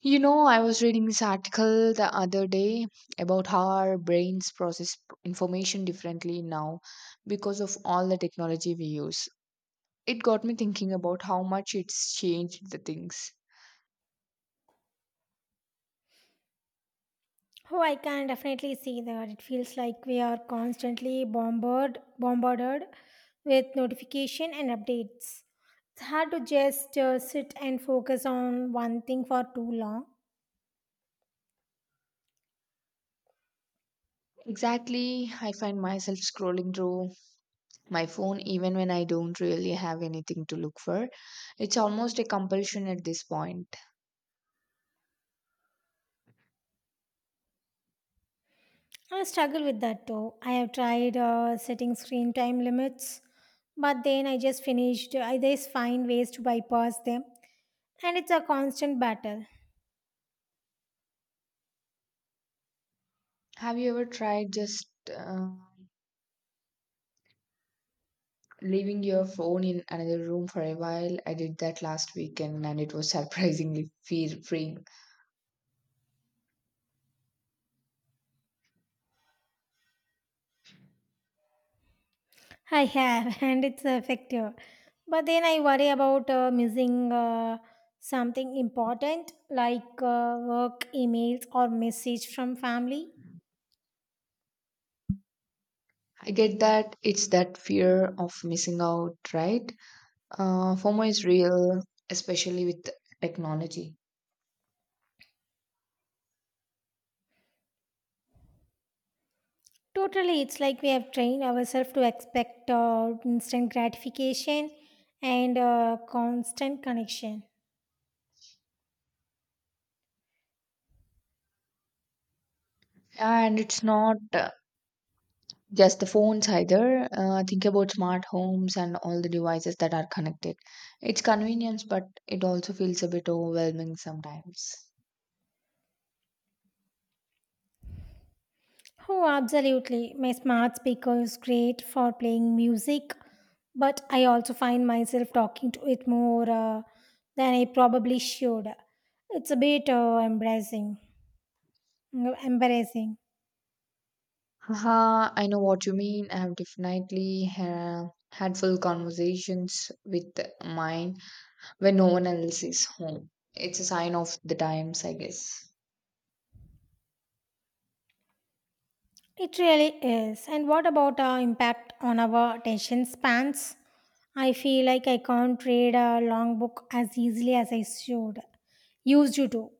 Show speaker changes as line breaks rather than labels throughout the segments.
You know, I was reading this article the other day about how our brains process information differently now because of all the technology we use. It got me thinking about how much it's changed the things.
Oh, I can definitely see that. It feels like we are constantly bombarded with notification and updates. It's hard to just sit and focus on one thing for too long.
Exactly, I find myself scrolling through my phone even when I don't really have anything to look for. It's almost a compulsion at this point.
I struggle with that though. I have tried setting screen time limits, but then I just finished. I just find ways to bypass them, and it's a constant battle.
Have you ever tried just uh, Leaving your phone in another room for a while? I did that last weekend and it was surprisingly fear freeing.
I have, and it's effective. But then I worry about missing something important like work emails or message from family.
I get that, it's that fear of missing out, right? FOMO is real, especially with technology.
Totally, it's like we have trained ourselves to expect instant gratification and constant connection.
And it's not just the phones either. Think about smart homes and all the devices that are connected. It's convenience, but it also feels a bit overwhelming sometimes.
Oh, absolutely. My smart speaker is great for playing music, but I also find myself talking to it more than I probably should. It's a bit embarrassing. No, Embarrassing.
Haha, I know what you mean. I have definitely had full conversations with mine when no one else is home. It's a sign of the times, I guess.
It really is. And what about our impact on our attention spans? I feel like I can't read a long book as easily as I should. Used to.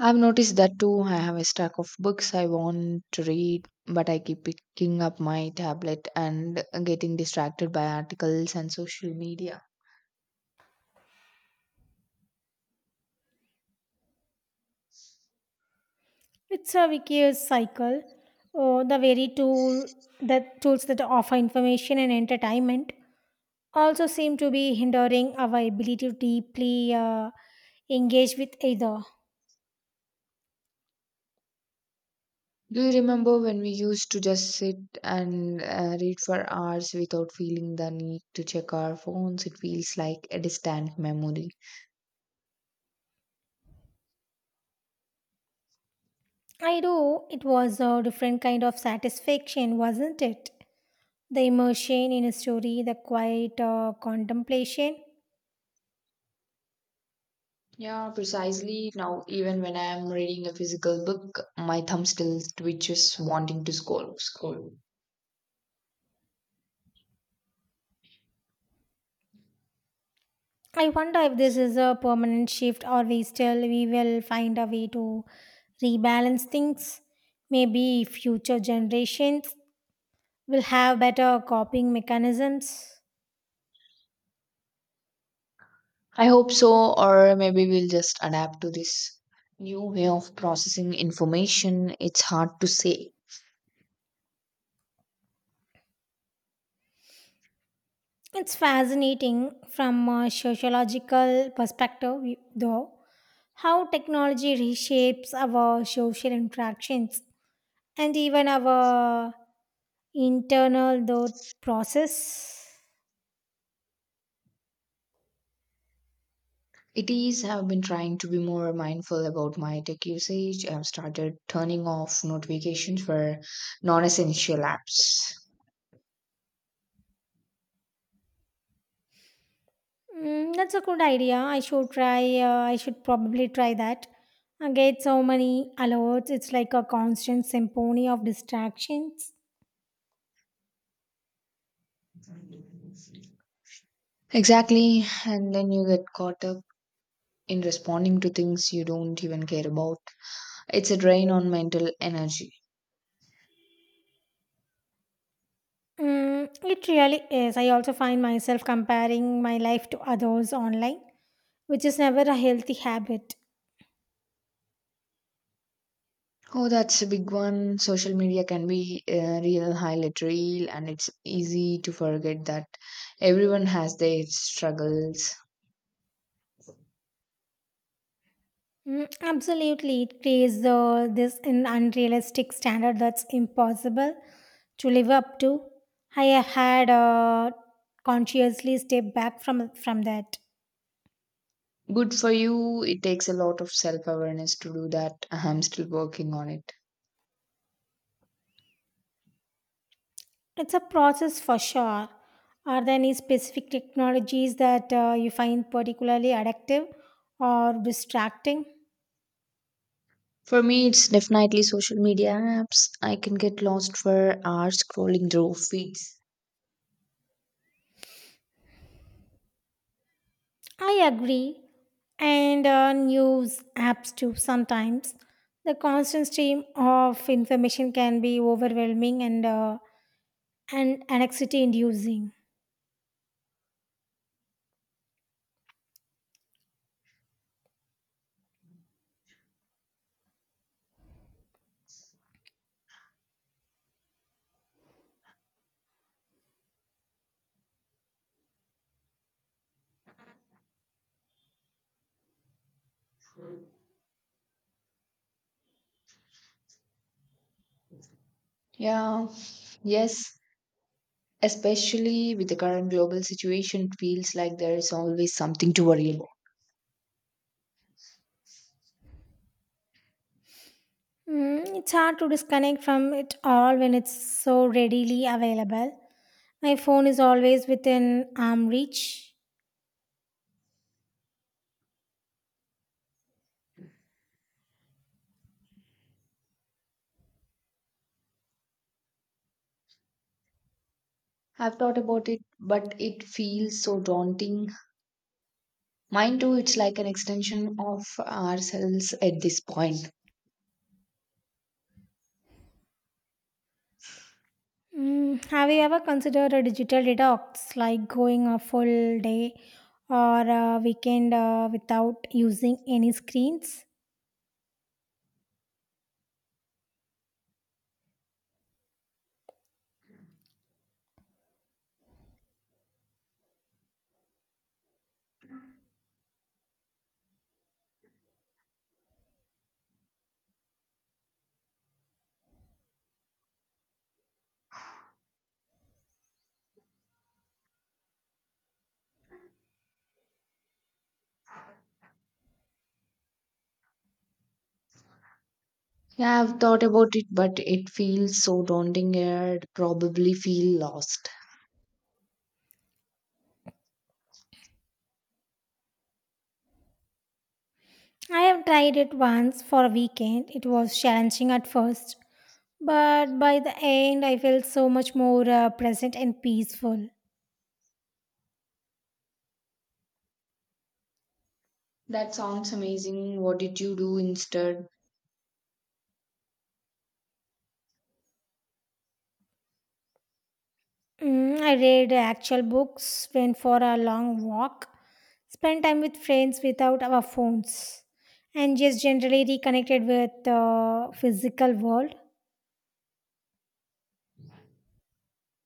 I've noticed that too. I have a stack of books I want to read, but I keep picking up my tablet and getting distracted by articles and social media.
It's a vicious cycle. Oh, the very tool that tools that offer information and entertainment also seem to be hindering our ability to deeply engage with either.
Do you remember when we used to just sit and read for hours without feeling the need to check our phones? It feels like a distant memory.
I know it was a different kind of satisfaction, wasn't it? The immersion in a story, the quiet contemplation.
Yeah, precisely. Now, even when I am reading a physical book, my thumb still twitches, wanting to scroll.
I wonder if this is a permanent shift or we will find a way to rebalance things. Maybe future generations will have better coping mechanisms.
I hope so, or maybe we'll just adapt to this new way of processing information. It's hard to say.
It's fascinating from a sociological perspective, though, how technology reshapes our social interactions and even our internal thought process.
It is. I've been trying to be more mindful about my tech usage. I've started turning off notifications for non-essential apps.
Mm, that's a good idea. I should probably try that. I get so many alerts. It's like a constant symphony of distractions.
Exactly, and then you get caught up in responding to things you don't even care about. It's a drain on mental energy.
Mm, it really is. I also find myself comparing my life to others online, which is never a healthy habit.
Oh, that's a big one. Social media can be a real highlight reel, and it's easy to forget that everyone has their struggles.
Mm, absolutely, it creates the, this an unrealistic standard that's impossible to live up to. I have had consciously step back from that.
Good for you. It takes a lot of self awareness to do that. I'm still working on it.
It's a process for sure. Are there any specific technologies that you find particularly addictive or distracting?
For me, it's definitely social media apps. I can get lost for hours scrolling through feeds.
I agree. And news apps too, sometimes. The constant stream of information can be overwhelming and anxiety inducing.
Yeah, yes. Especially with the current global situation, it feels like there is always something to worry about.
Mm, it's hard to disconnect from it all when it's so readily available. My phone is always within arm reach.
I've thought about it, but it feels so daunting. Mine too, it's like an extension of ourselves at this point.
Mm, have you ever considered a digital detox, like going a full day or a weekend without using any screens?
Yeah, I've thought about it, but it feels so daunting. I'd probably feel lost.
I have tried it once for a weekend. It was challenging at first, but by the end, I felt so much more present and peaceful.
That sounds amazing. What did you do instead?
Mm, I read actual books, went for a long walk, spent time with friends without our phones, and just generally reconnected with the physical world.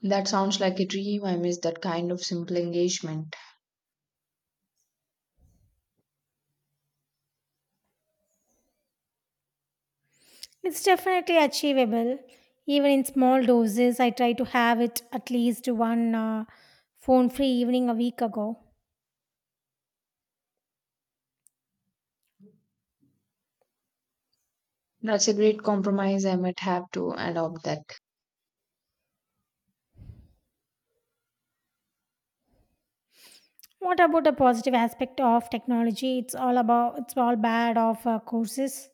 That sounds like a dream. I miss that kind of simple engagement.
It's definitely achievable. Even in small doses, I try to have it at least one phone free evening a week ago.
That's a great compromise. I might have to adopt that.
What about a positive aspect of technology? It's all bad of courses.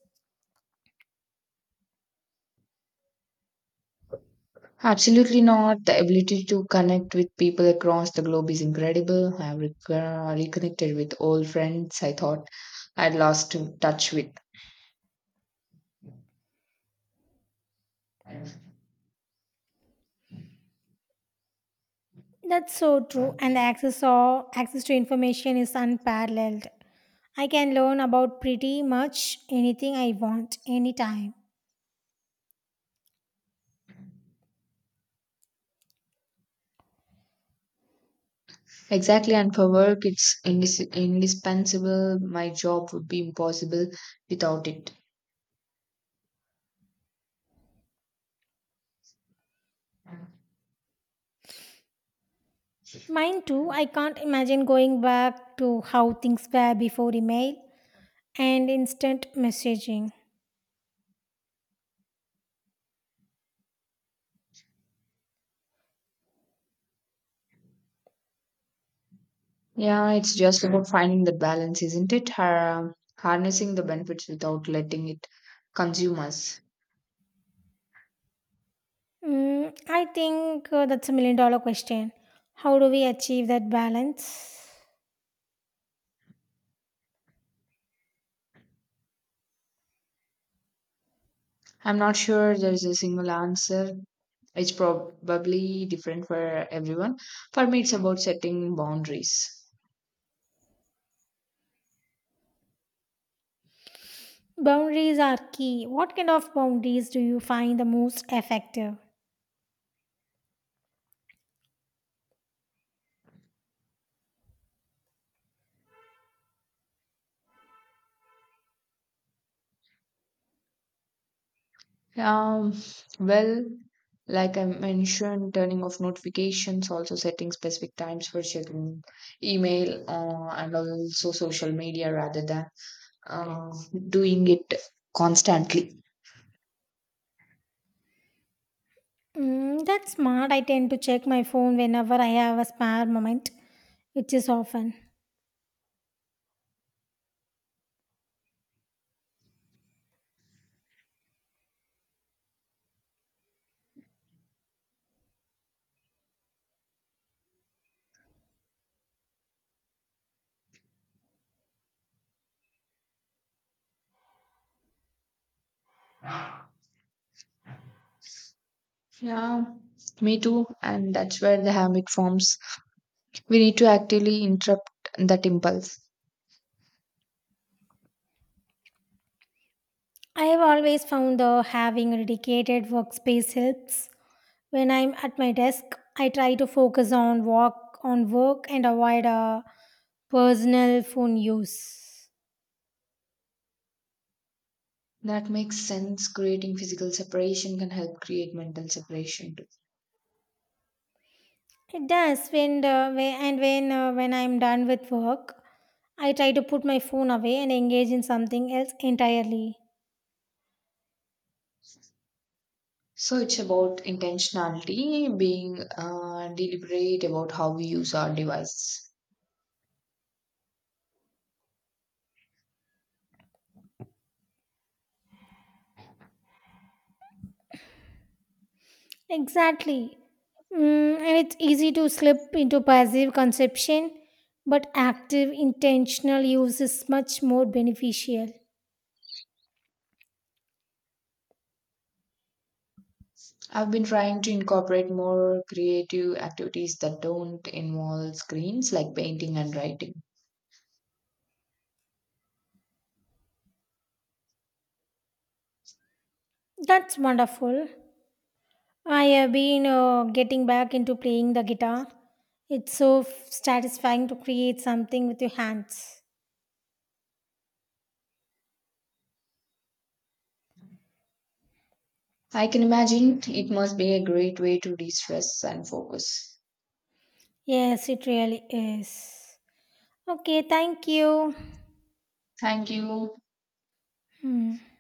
Absolutely not. The ability to connect with people across the globe is incredible. I have reconnected with old friends I thought I'd lost to touch with.
That's so true. And the access or access to information is unparalleled. I can learn about pretty much anything I want anytime.
Exactly, and for work, it's indispensable. My job would be impossible without it.
Mine too. I can't imagine going back to how things were before email and instant messaging.
Yeah, it's just about finding the balance, isn't it? Harnessing the benefits without letting it consume us.
Mm, I think that's a million dollar question. How do we achieve that balance?
I'm not sure there is a single answer. It's probably different for everyone. For me, it's about setting boundaries.
Boundaries are key. What kind of boundaries do you find the most effective?
Um, well, like I mentioned, turning off notifications, also setting specific times for checking email and also social media rather than uh, doing it constantly.
Mm, that's smart. I tend to check my phone whenever I have a spare moment, which is often.
Yeah, me too. And that's where the habit forms. We need to actively interrupt that impulse.
I have always found though having a dedicated workspace helps. When I'm at my desk, I try to focus on work and avoid personal phone use.
That makes sense. Creating physical separation can help create mental separation too.
It does when the, when- and when when I'm done with work, I try to put my phone away and engage in something else entirely.
So it's about intentionality, being deliberate about how we use our devices.
Exactly. Mm, and it's easy to slip into passive conception, but active, intentional use is much more beneficial.
I've been trying to incorporate more creative activities that don't involve screens, like painting and writing.
That's wonderful. I have been getting back into playing the guitar. It's so satisfying to create something with your hands.
I can imagine it must be a great way to de stress and focus.
Yes, it really is. Okay, thank you.
Thank you.
Hmm.